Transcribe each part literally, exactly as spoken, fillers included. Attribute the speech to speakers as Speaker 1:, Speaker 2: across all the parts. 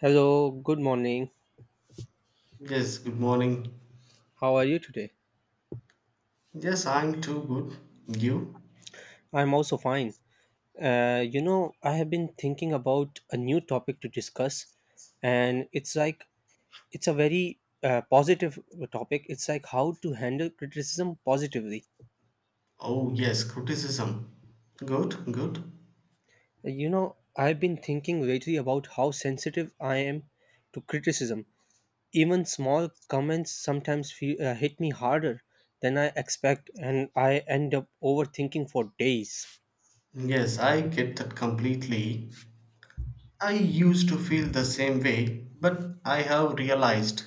Speaker 1: Hello, good morning.
Speaker 2: Yes, good morning.
Speaker 1: How are you today?
Speaker 2: Yes, I'm too good. You?
Speaker 1: I'm also fine. Uh, you know, I have been thinking about a new topic to discuss, and it's like it's a very uh, positive topic. It's like how to handle criticism positively.
Speaker 2: Oh, yes, criticism. Good, good.
Speaker 1: You know, I've been thinking lately about how sensitive I am to criticism. Even small comments sometimes feel, uh, hit me harder than I expect, and I end up overthinking for days.
Speaker 2: Yes, I get that completely. I used to feel the same way, but I have realized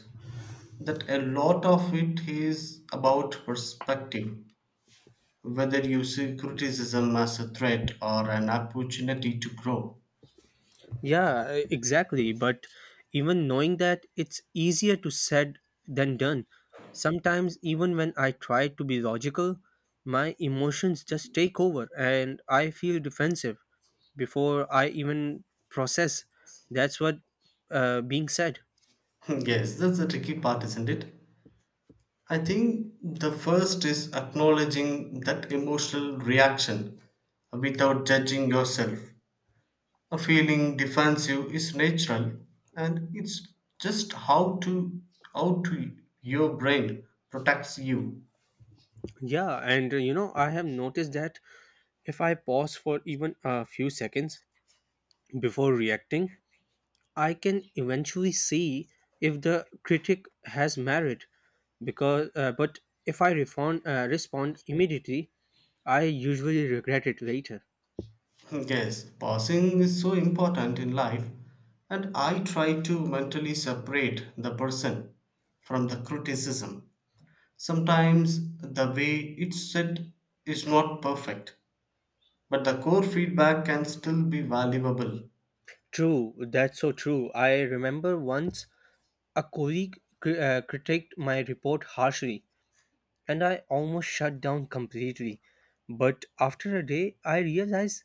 Speaker 2: that a lot of it is about perspective, whether you see criticism as a threat or an opportunity to grow.
Speaker 1: Yeah, e- exactly. But even knowing that, it's easier to said than done. Sometimes, even when I try to be logical, my emotions just take over and I feel defensive before I even process. That's what uh, being said.
Speaker 2: Yes, that's the tricky part, isn't it? I think the first is acknowledging that emotional reaction without judging yourself. A feeling defensive is natural and it's just how to how to your brain protects you.
Speaker 1: Yeah, and uh, you know, I have noticed that if I pause for even a few seconds before reacting, I can eventually see if the critic has merit because uh, but if I refond, uh, respond immediately, I usually regret it later.
Speaker 2: Yes, pausing is so important in life and I try to mentally separate the person from the criticism. Sometimes the way it's said is not perfect but the core feedback can still be valuable.
Speaker 1: True, that's so true. I remember once a colleague cri- uh, critiqued my report harshly and I almost shut down completely. But after a day, I realized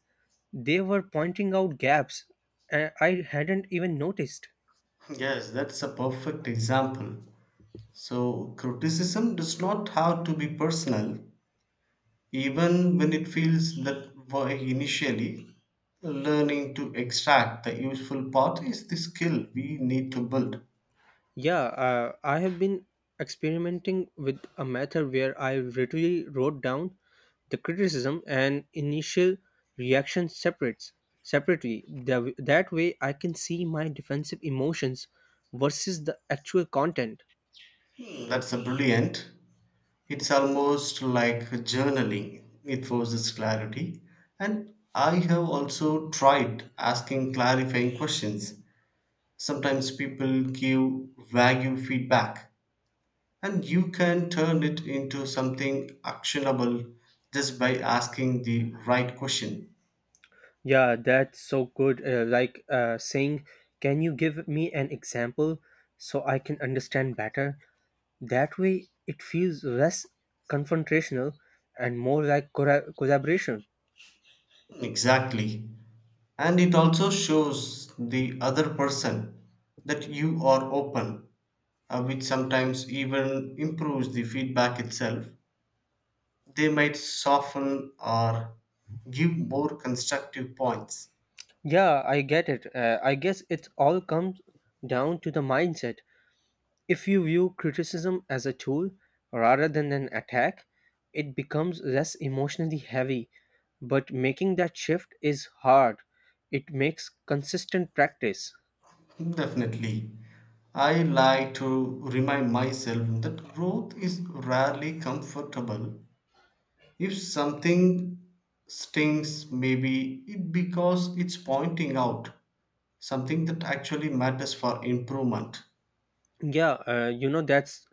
Speaker 1: they were pointing out gaps uh, I hadn't even noticed.
Speaker 2: Yes, that's a perfect example. So, criticism does not have to be personal, even when it feels that way initially. Learning to extract the useful part is the skill we need to build.
Speaker 1: Yeah, uh, I have been experimenting with a method where I literally wrote down the criticism and initial reaction separates separately. The, that way, I can see my defensive emotions versus the actual content.
Speaker 2: Hmm, That's a brilliant. It's almost like journaling, it forces clarity. And I have also tried asking clarifying questions. Sometimes people give vague feedback and you can turn it into something actionable just by asking the right question.
Speaker 1: Yeah, that's so good. Uh, like uh, saying, "Can you give me an example so I can understand better?" That way, it feels less confrontational and more like corra- collaboration.
Speaker 2: Exactly, and it also shows the other person that you are open, uh, which sometimes even improves the feedback itself. They might soften or give more constructive points.
Speaker 1: Yeah, I get it. Uh, I guess it all comes down to the mindset. If you view criticism as a tool rather than an attack, it becomes less emotionally heavy. But making that shift is hard. It makes consistent practice.
Speaker 2: Definitely. I like to remind myself that growth is rarely comfortable. If something stings, maybe it because it's pointing out something that actually matters for improvement.
Speaker 1: Yeah, uh, you know, that's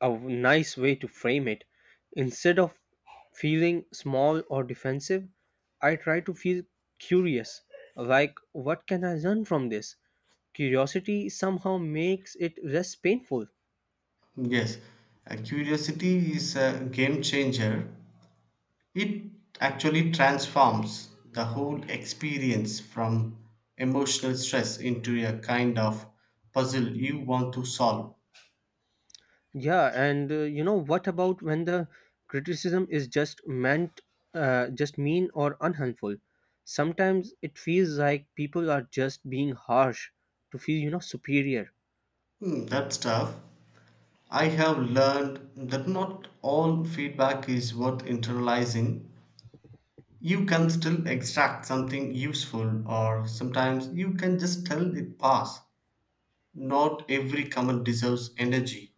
Speaker 1: a w- nice way to frame it. Instead of feeling small or defensive, I try to feel curious, like, what can I learn from this? Curiosity somehow makes it less painful.
Speaker 2: Yes, uh, curiosity is a game changer. It actually transforms the whole experience from emotional stress into a kind of puzzle you want to solve.
Speaker 1: Yeah, and uh, you know, what about when the criticism is just meant, uh, just mean or unhelpful? Sometimes it feels like people are just being harsh to feel, you know, superior.
Speaker 2: Hmm, That's tough. I have learned that not all feedback is worth internalizing. You can still extract something useful, or sometimes you can just tell it pass. Not every comment deserves energy.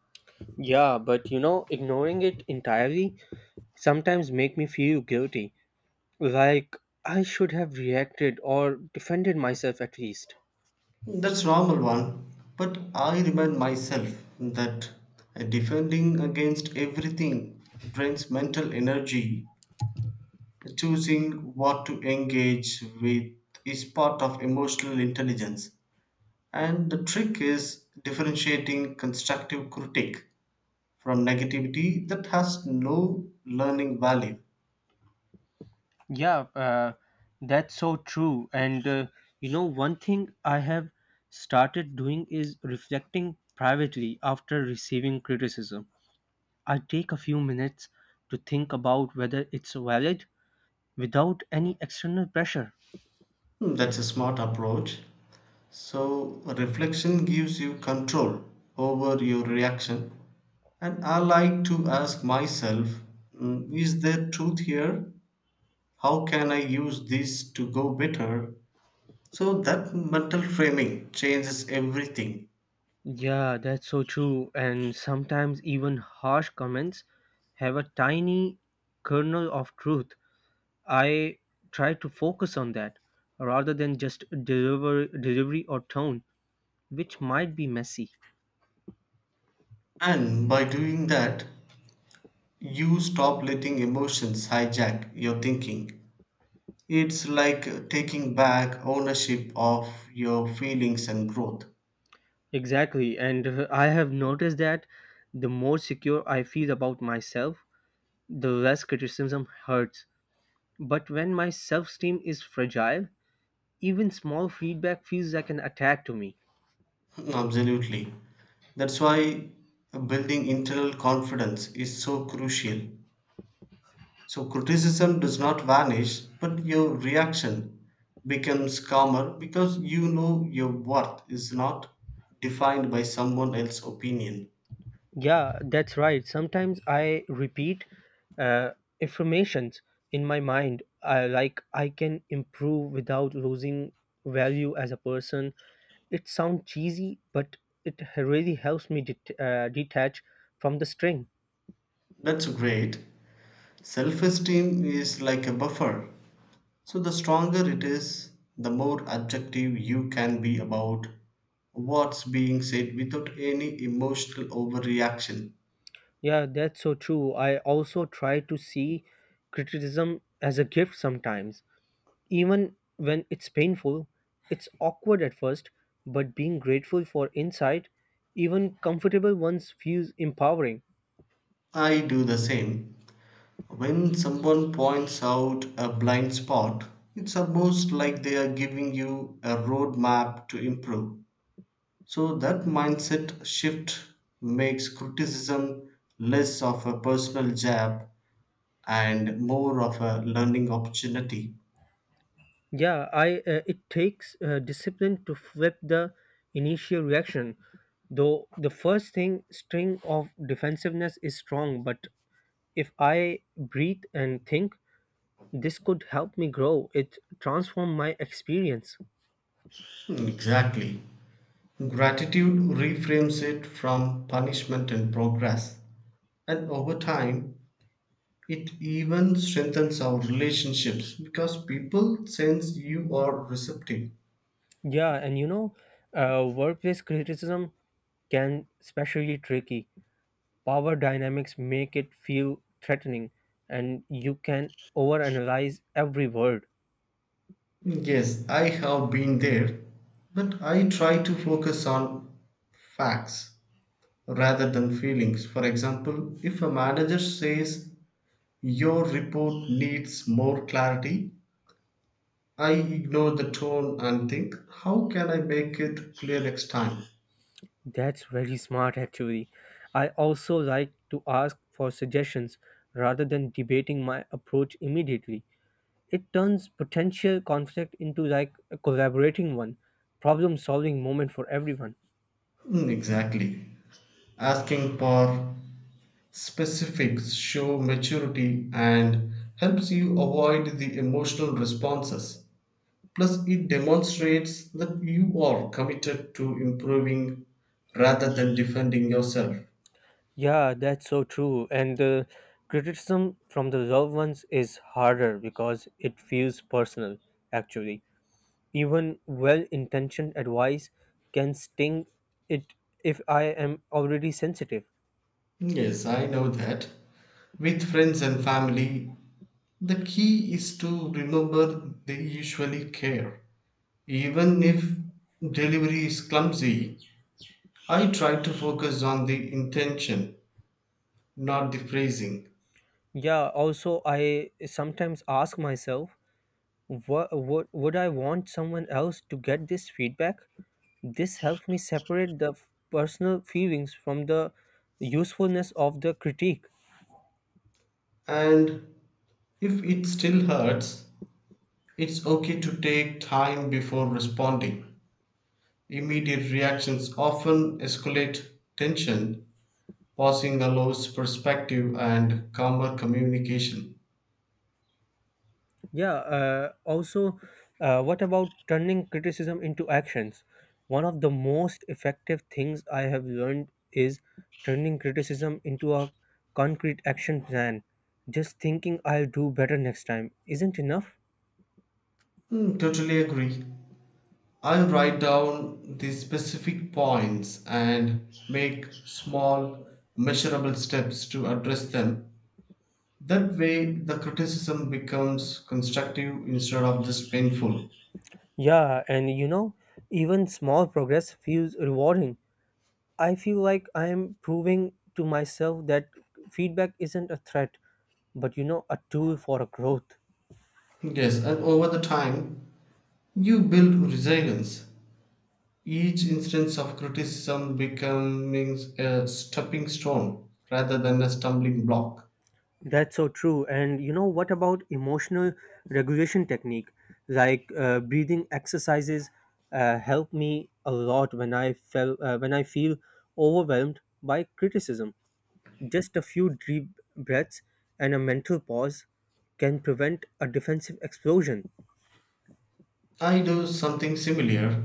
Speaker 1: Yeah, but you know, ignoring it entirely sometimes make me feel guilty, like I should have reacted or defended myself at least.
Speaker 2: That's normal one. But I remind myself that defending against everything drains mental energy. Choosing what to engage with is part of emotional intelligence. And the trick is differentiating constructive critique from negativity that has no learning value.
Speaker 1: Yeah, uh, that's so true. And uh, you know, one thing I have started doing is reflecting privately after receiving criticism. I take a few minutes to think about whether it's valid without any external pressure.
Speaker 2: Hmm, That's a smart approach. So, reflection gives you control over your reaction. And I like to ask myself, hmm, is there truth here? How can I use this to go better? So, that mental framing changes everything.
Speaker 1: Yeah, that's so true. And sometimes even harsh comments have a tiny kernel of truth. I try to focus on that rather than just deliver delivery or tone, which might be messy.
Speaker 2: And by doing that, you stop letting emotions hijack your thinking. It's like taking back ownership of your feelings and growth.
Speaker 1: Exactly. And uh, I have noticed that the more secure I feel about myself, the less criticism hurts. But when my self-esteem is fragile, even small feedback feels like an attack to me.
Speaker 2: Absolutely. That's why building internal confidence is so crucial. So, criticism does not vanish, but your reaction becomes calmer because you know your worth is not defined by someone else's opinion.
Speaker 1: Yeah, that's right. Sometimes I repeat uh, affirmations in my mind. I like I can improve without losing value as a person. It sounds cheesy, but it really helps me det- uh, detach from the string.
Speaker 2: That's great. Self esteem is like a buffer. So the stronger it is, the more objective you can be about what's being said without any emotional overreaction.
Speaker 1: Yeah, that's so true. I also try to see criticism as a gift sometimes. Even when it's painful, it's awkward at first, but being grateful for insight, even comfortable ones, feels empowering.
Speaker 2: I do the same. When someone points out a blind spot, it's almost like they are giving you a roadmap to improve. So that mindset shift makes criticism less of a personal jab and more of a learning opportunity.
Speaker 1: Yeah, I uh, it takes uh, discipline to flip the initial reaction. Though the first thing string of defensiveness is strong, but if I breathe and think, this could help me grow. It transformed my experience.
Speaker 2: Hmm, Exactly. Gratitude reframes it from punishment and progress. And over time, it even strengthens our relationships because people sense you are receptive.
Speaker 1: Yeah, and you know, uh, workplace criticism can especially tricky power dynamics make it feel threatening and you can overanalyze every word.
Speaker 2: Yes, I have been there, but I try to focus on facts rather than feelings. For example, if a manager says your report needs more clarity, I ignore the tone and think, how can I make it clear next time?
Speaker 1: That's very smart, actually. I also like to ask for suggestions rather than debating my approach immediately. It turns potential conflict into like a collaborating one, problem solving moment for everyone.
Speaker 2: Mm, exactly. Asking for specifics show maturity and helps you avoid the emotional responses. Plus, it demonstrates that you are committed to improving rather than defending yourself.
Speaker 1: Yeah, that's so true. And uh, criticism from the loved ones is harder because it feels personal, actually. Even well intentioned advice can sting it if I am already sensitive.
Speaker 2: Yes, I know that. With friends and family, the key is to remember they usually care. Even if delivery is clumsy, I try to focus on the intention not decreasing.
Speaker 1: Yeah, also, I sometimes ask myself, what, what would I want someone else to get this feedback? This helps me separate the f- personal feelings from the usefulness of the critique.
Speaker 2: And if it still hurts, it's okay to take time before responding. Immediate reactions often escalate tension. Pausing allows perspective and calmer communication.
Speaker 1: Yeah, uh, also, uh, what about turning criticism into actions? One of the most effective things I have learned is turning criticism into a concrete action plan. Just thinking I'll do better next time isn't enough.
Speaker 2: Hmm, totally agree. I'll write down the specific points and make small, measurable steps to address them. That way, the criticism becomes constructive instead of just painful.
Speaker 1: Yeah, and you know, even small progress feels rewarding. I feel like I am proving to myself that feedback isn't a threat, but you know, a tool for a growth.
Speaker 2: Yes, and over the time, you build resilience. Each instance of criticism becoming a stepping stone rather than a stumbling block.
Speaker 1: That's so true. And you know what about emotional regulation technique? Like uh, breathing exercises uh, help me a lot when I feel uh, when I feel overwhelmed by criticism. Just a few deep breaths and a mental pause can prevent a defensive explosion.
Speaker 2: I do something similar.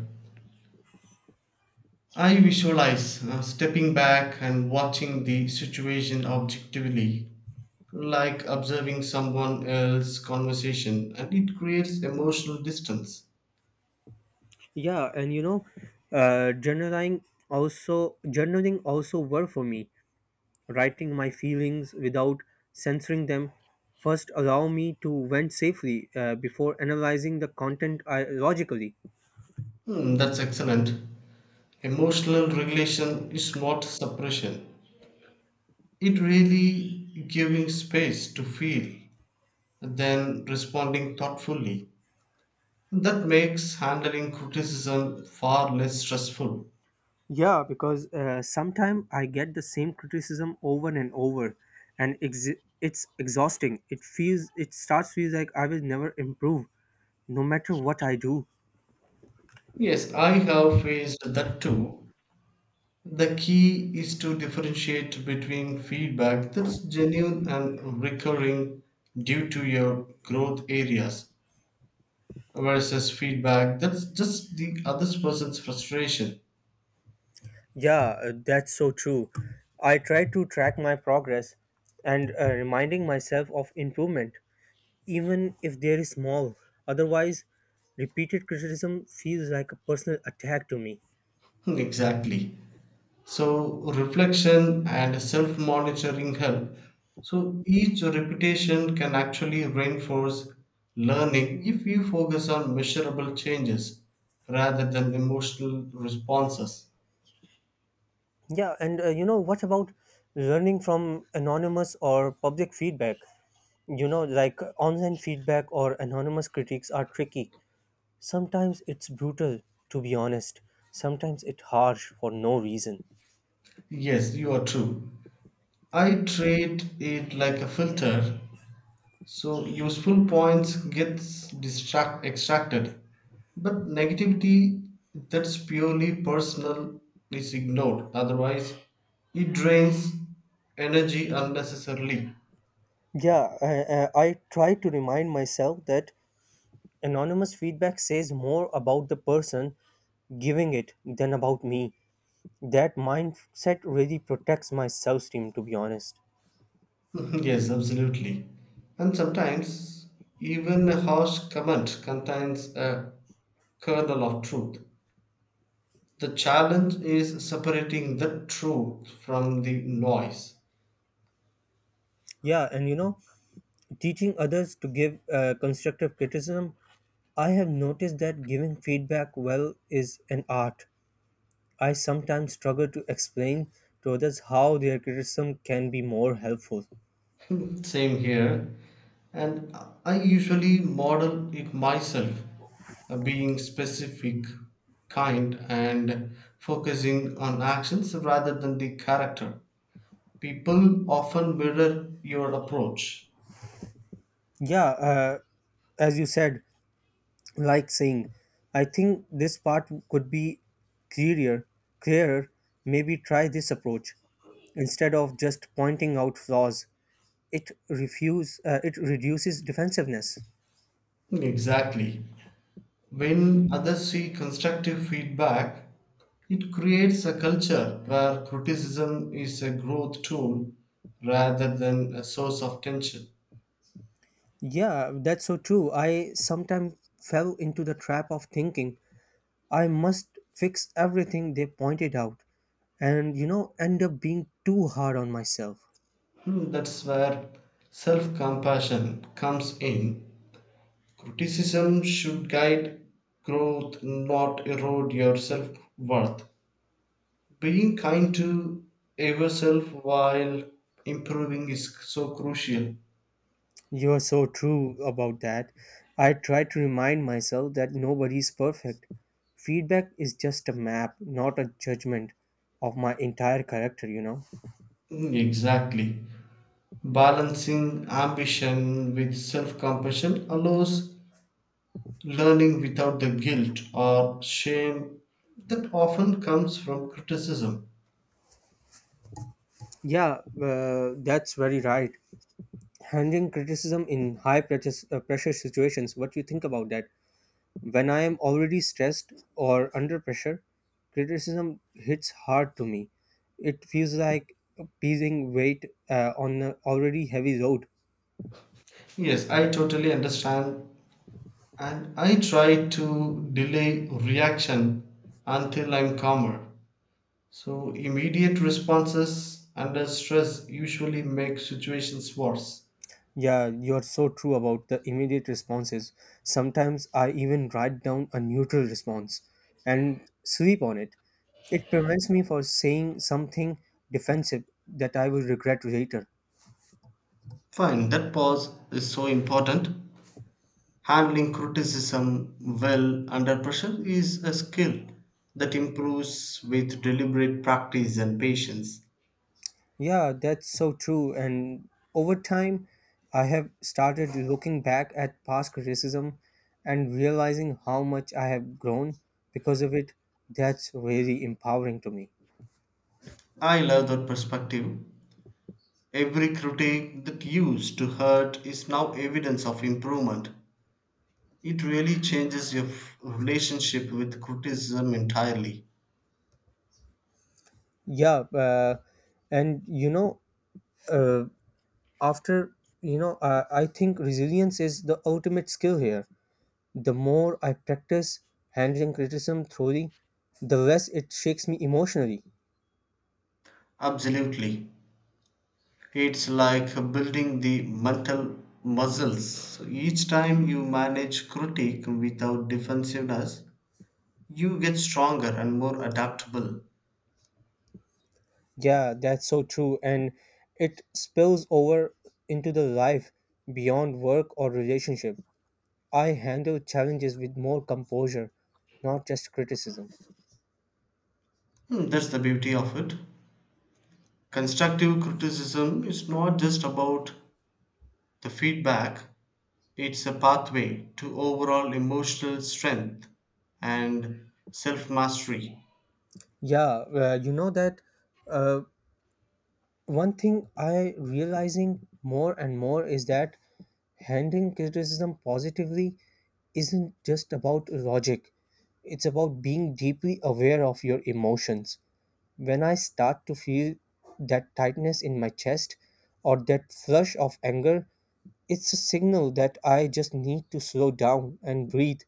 Speaker 2: I visualize uh, stepping back and watching the situation objectively, like observing someone else's conversation, and it creates emotional distance.
Speaker 1: Yeah, and you know, uh, journaling also journaling also work for me. Writing my feelings without censoring them first allow me to vent safely uh, before analyzing the content I, logically.
Speaker 2: Hmm, that's excellent. Emotional regulation is not suppression, it really giving space to feel, then responding thoughtfully. That makes handling criticism far less stressful.
Speaker 1: Yeah, because uh, sometimes I get the same criticism over and over and ex- it's exhausting it feels it starts feels like I will never improve no matter what I do.
Speaker 2: Yes, I have faced that too. The key is to differentiate between feedback that's genuine and recurring due to your growth areas versus feedback that's just the other person's frustration.
Speaker 1: Yeah, uh, that's so true. I try to track my progress and uh, reminding myself of improvement even if they're small. Otherwise, repeated criticism feels like a personal attack to me.
Speaker 2: Exactly. So reflection and self-monitoring help. So each repetition can actually reinforce learning if you focus on measurable changes rather than emotional responses.
Speaker 1: Yeah, and uh, you know, what about learning from anonymous or public feedback? You know, like online feedback or anonymous critiques are tricky. Sometimes it's brutal, to be honest. Sometimes it's harsh for no reason.
Speaker 2: Yes, you are true. I treat it like a filter, so useful points gets distract extracted, but negativity that's purely personal is ignored, otherwise it drains energy unnecessarily.
Speaker 1: Yeah, I, I I try to remind myself that anonymous feedback says more about the person giving it than about me. That mindset really protects my self-esteem, to be honest.
Speaker 2: Yes, absolutely. And sometimes even a harsh comment contains a kernel of truth. The challenge is separating the truth from the noise.
Speaker 1: Yeah, and you know, teaching others to give uh, constructive criticism, I have noticed that giving feedback well is an art. I sometimes struggle to explain to others how their criticism can be more helpful.
Speaker 2: Same here. And I usually model it myself, uh, being specific, kind, and focusing on actions rather than the character. People often mirror your approach.
Speaker 1: Yeah, uh, as you said, like saying, I think this part could be clearer, clearer, maybe try this approach. Instead of just pointing out flaws, it refuse, uh, it reduces defensiveness.
Speaker 2: Exactly. When others see constructive feedback, it creates a culture where criticism is a growth tool rather than a source of tension.
Speaker 1: Yeah, that's so true. I sometimes fell into the trap of thinking I must fix everything they pointed out and you know end up being too hard on myself.
Speaker 2: Hmm, That's where self compassion comes in. Criticism should guide growth, not erode your self worth. Being kind to yourself while improving is so crucial.
Speaker 1: You are so true about that. I try to remind myself that nobody is perfect. Feedback is just a map, not a judgment of my entire character, you know.
Speaker 2: Hmm, Exactly. Balancing ambition with self compassion allows learning without the guilt or shame that often comes from criticism.
Speaker 1: Yeah, uh, that's very right. Handling criticism in high pressure, uh, pressure situations, what do you think about that? When I am already stressed or under pressure, criticism hits hard to me. It feels like piecing weight uh, on an already heavy load.
Speaker 2: Yes, I totally understand and I try to delay reaction until I'm calmer. So immediate responses under stress usually make situations worse.
Speaker 1: Yeah, you're so true about the immediate responses. Sometimes I even write down a neutral response and sleep on it. It prevents me from saying something defensive that I will regret later.
Speaker 2: Fine, that pause is so important. Handling criticism well under pressure is a skill that improves with deliberate practice and patience.
Speaker 1: Yeah, that's so true. And over time, I have started looking back at past criticism and realizing how much I have grown because of it. That's really empowering to me.
Speaker 2: I love that perspective. Every critique that used to hurt is now evidence of improvement. It really changes your f- relationship with criticism entirely.
Speaker 1: Yeah, uh, and you know, uh, after you know uh, I think resilience is the ultimate skill here. The more I practice handling criticism thoroughly, the less it shakes me emotionally.
Speaker 2: Absolutely. It's like building the mental muscles. So each time you manage critique without defensiveness, you get stronger and more adaptable.
Speaker 1: Yeah, that's so true, and it spills over into the life beyond work or relationship. I handle challenges with more composure, not just criticism.
Speaker 2: Hmm, that's the beauty of it. Constructive criticism is not just about the feedback, it's a pathway to overall emotional strength and self mastery.
Speaker 1: Yeah, uh, you know that uh, one thing I realizing more and more is that handling criticism positively isn't just about logic. It's about being deeply aware of your emotions. When I start to feel that tightness in my chest or that flush of anger, it's a signal that I just need to slow down and breathe.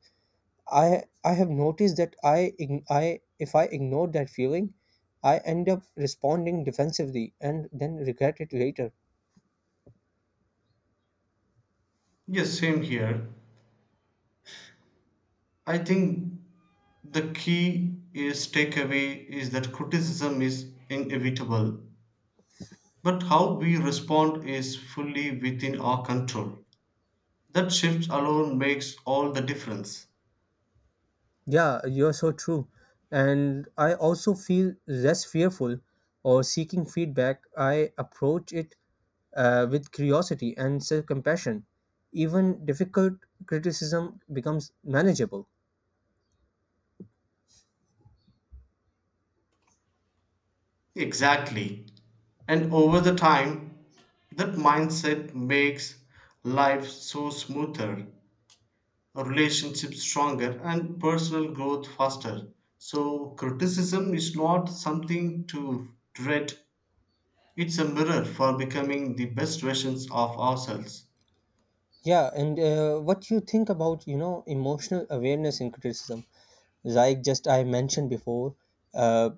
Speaker 1: I I have noticed that I ign- I if I ignore that feeling, I end up responding defensively and then regret it later.
Speaker 2: Yes, same here. I think the key is takeaway is that criticism is inevitable, but how we respond is fully within our control. That shift alone makes all the difference.
Speaker 1: Yeah, you're so true. And I also feel less fearful or seeking feedback. I approach it uh, with curiosity and self compassion. Even difficult criticism becomes manageable.
Speaker 2: Exactly. And over the time, that mindset makes life so smoother, relationships stronger, and personal growth faster. So criticism is not something to dread. It's a mirror for becoming the best versions of ourselves.
Speaker 1: Yeah, and uh, what you think about you know emotional awareness in criticism? Like just I mentioned before, uh,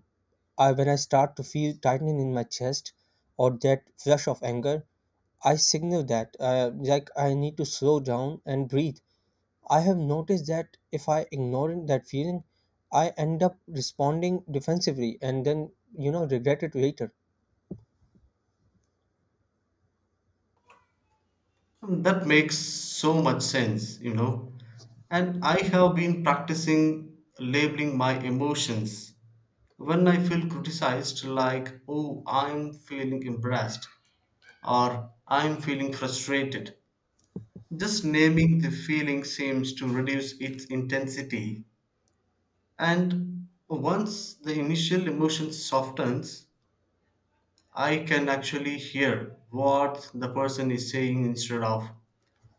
Speaker 1: I when I start to feel tightening in my chest or that flush of anger, I signal that uh, like I need to slow down and breathe. I have noticed that if I ignore that feeling, I end up responding defensively and then you know regret it later.
Speaker 2: That makes so much sense, you know. And I have been practicing labeling my emotions. When I feel criticized, like, oh, I'm feeling embarrassed or I'm feeling frustrated, just naming the feeling seems to reduce its intensity. And once the initial emotion softens, I can actually hear what the person is saying instead of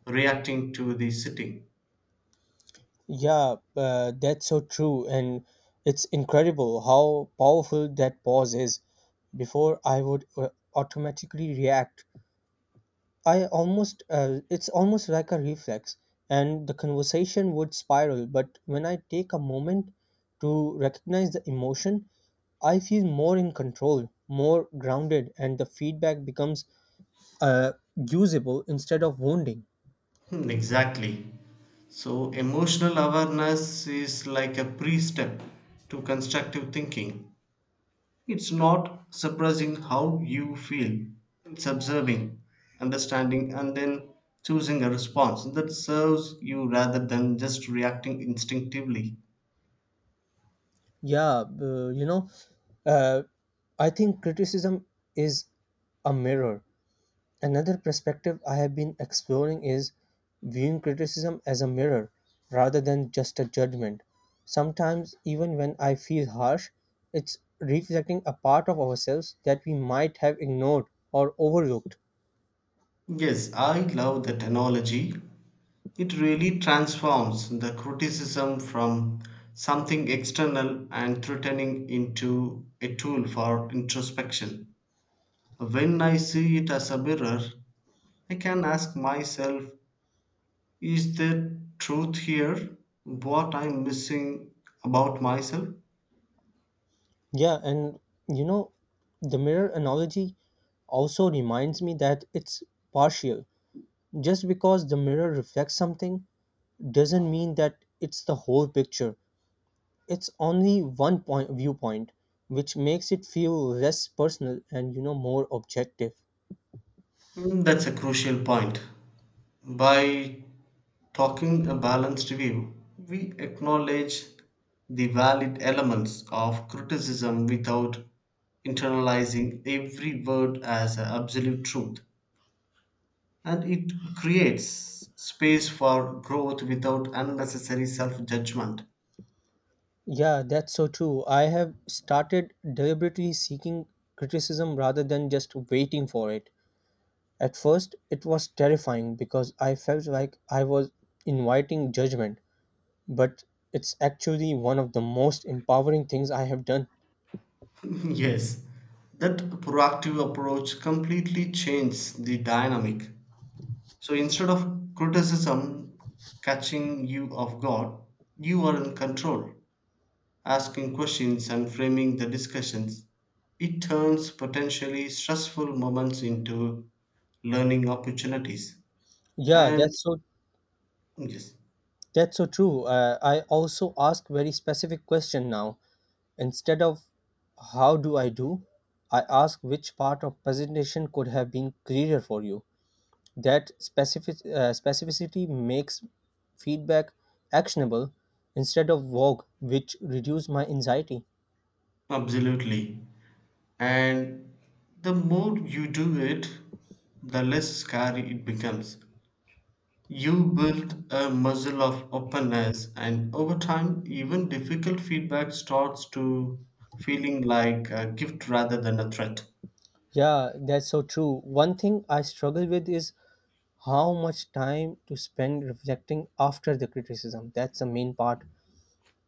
Speaker 2: reacting to the sitting.
Speaker 1: Yeah, uh, that's so true, and it's incredible how powerful that pause is. Before I would uh, automatically react. I almost, uh, it's almost like a reflex, and the conversation would spiral. But when I take a moment to recognize the emotion, I feel more in control, more grounded, and the feedback becomes uh, usable instead of wounding.
Speaker 2: Hmm, exactly. So, emotional awareness is like a pre step to constructive thinking. It's not suppressing how you feel, it's observing, understanding, and then choosing a response that serves you rather than just reacting instinctively.
Speaker 1: Yeah, uh, you know, uh, I think criticism is a mirror. Another perspective I have been exploring is viewing criticism as a mirror rather than just a judgment. Sometimes, even when I feel harsh, it's reflecting a part of ourselves that we might have ignored or overlooked.
Speaker 2: Yes, I love that analogy. It really transforms the criticism from something external and threatening into a tool for introspection. When I see it as a mirror, I can ask myself, is there truth here? What I'm missing about myself?
Speaker 1: Yeah, and you know, the mirror analogy also reminds me that it's partial. Just because the mirror reflects something doesn't mean that it's the whole picture. It's only one point viewpoint, which makes it feel less personal and you know more objective.
Speaker 2: Mm, that's a crucial point. By talking a balanced view, we acknowledge the valid elements of criticism without internalizing every word as an absolute truth. And it creates space for growth without unnecessary self judgment.
Speaker 1: Yeah, that's so true. I have started deliberately seeking criticism rather than just waiting for it. At first it was terrifying because I felt like I was inviting judgment, but it's actually one of the most empowering things I have done.
Speaker 2: Yes, that proactive approach completely changes the dynamic. So instead of criticism catching you off guard, you are in control, asking questions and framing the discussions. It turns potentially stressful moments into learning opportunities.
Speaker 1: Yeah,
Speaker 2: And
Speaker 1: that's so
Speaker 2: yes,
Speaker 1: that's so true. uh, I also ask very specific question now. Instead of how do I do, I ask which part of presentation could have been clearer for you. That specific, uh, specificity makes feedback actionable instead of vague, which reduce my anxiety.
Speaker 2: absolutely. And the more you do it, the less scary it becomes. You build a muscle of openness, and over time, even difficult feedback starts to feeling like a gift rather than a threat.
Speaker 1: Yeah, that's so true. One thing I struggle with is how much time to spend reflecting after the criticism. That's the main part.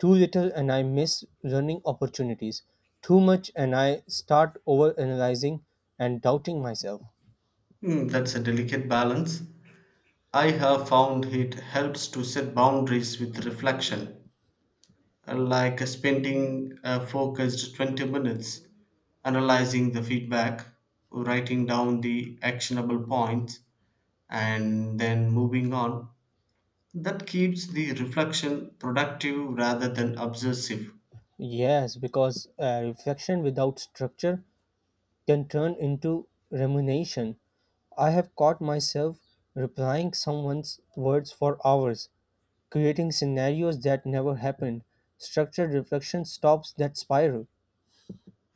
Speaker 1: Too little and I miss learning opportunities. Too much and I start overanalyzing and doubting myself.
Speaker 2: Hmm, that's a delicate balance. I have found it helps to set boundaries with reflection, uh, like uh, spending a focused twenty minutes analyzing the feedback, writing down the actionable points, and then moving on. That keeps the reflection productive rather than obsessive.
Speaker 1: Yes, because uh, reflection without structure can turn into rumination. I have caught myself replying someone's words for hours, creating scenarios that never happened. Structured reflection stops that spiral.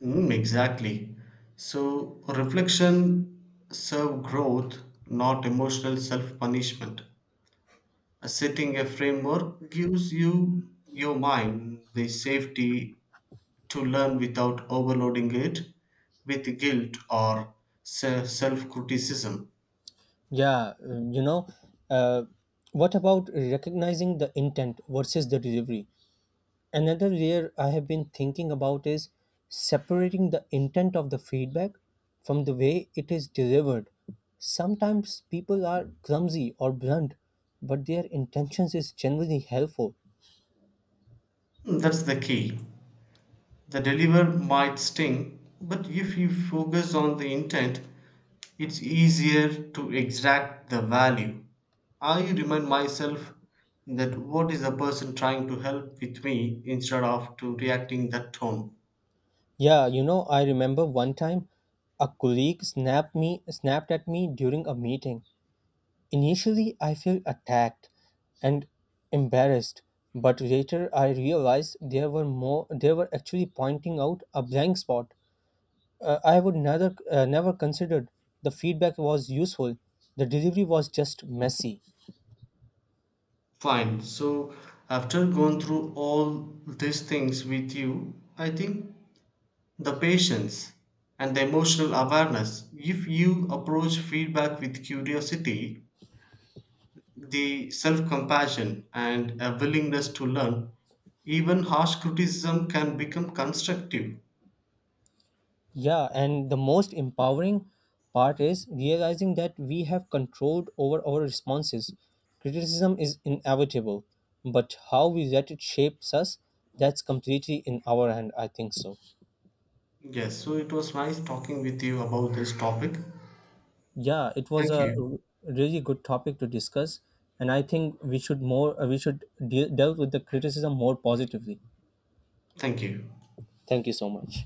Speaker 2: Mm, exactly. So, reflection serve growth, not emotional self punishment. Uh, Setting a framework gives you your mind the safety to learn without overloading it with guilt or self criticism.
Speaker 1: Yeah, um, you know, uh, what about recognizing the intent versus the delivery? Another layer I have been thinking about is separating the intent of the feedback from the way it is delivered. Sometimes people are clumsy or blunt, but their intentions is generally helpful.
Speaker 2: That's the key. The deliver might sting, but if you focus on the intent, it's easier to extract the value. I remind myself that what is the person trying to help with me instead of to reacting that tone.
Speaker 1: Yeah, you know, I remember one time a colleague snapped me snapped at me during a meeting. Initially, I felt attacked and embarrassed, but later I realized they were more they were actually pointing out a blank spot. Uh, I would neither uh, never considered the feedback was useful. The delivery was just messy.
Speaker 2: Fine. So, after going through all these things with you, I think the patience and the emotional awareness, if you approach feedback with curiosity, the self compassion, and a willingness to learn, even harsh criticism can become constructive.
Speaker 1: Yeah, and the most empowering part is realizing that we have control over our responses. Criticism is inevitable, but how we let it shapes us, that's completely in our hand, I think so.
Speaker 2: Yes, so it was nice talking with you about this topic.
Speaker 1: Yeah, it was
Speaker 2: Thank
Speaker 1: a
Speaker 2: you.
Speaker 1: r- really good topic to discuss, and I think we should more uh, we should deal, deal with the criticism more positively.
Speaker 2: Thank you.
Speaker 1: Thank you so much.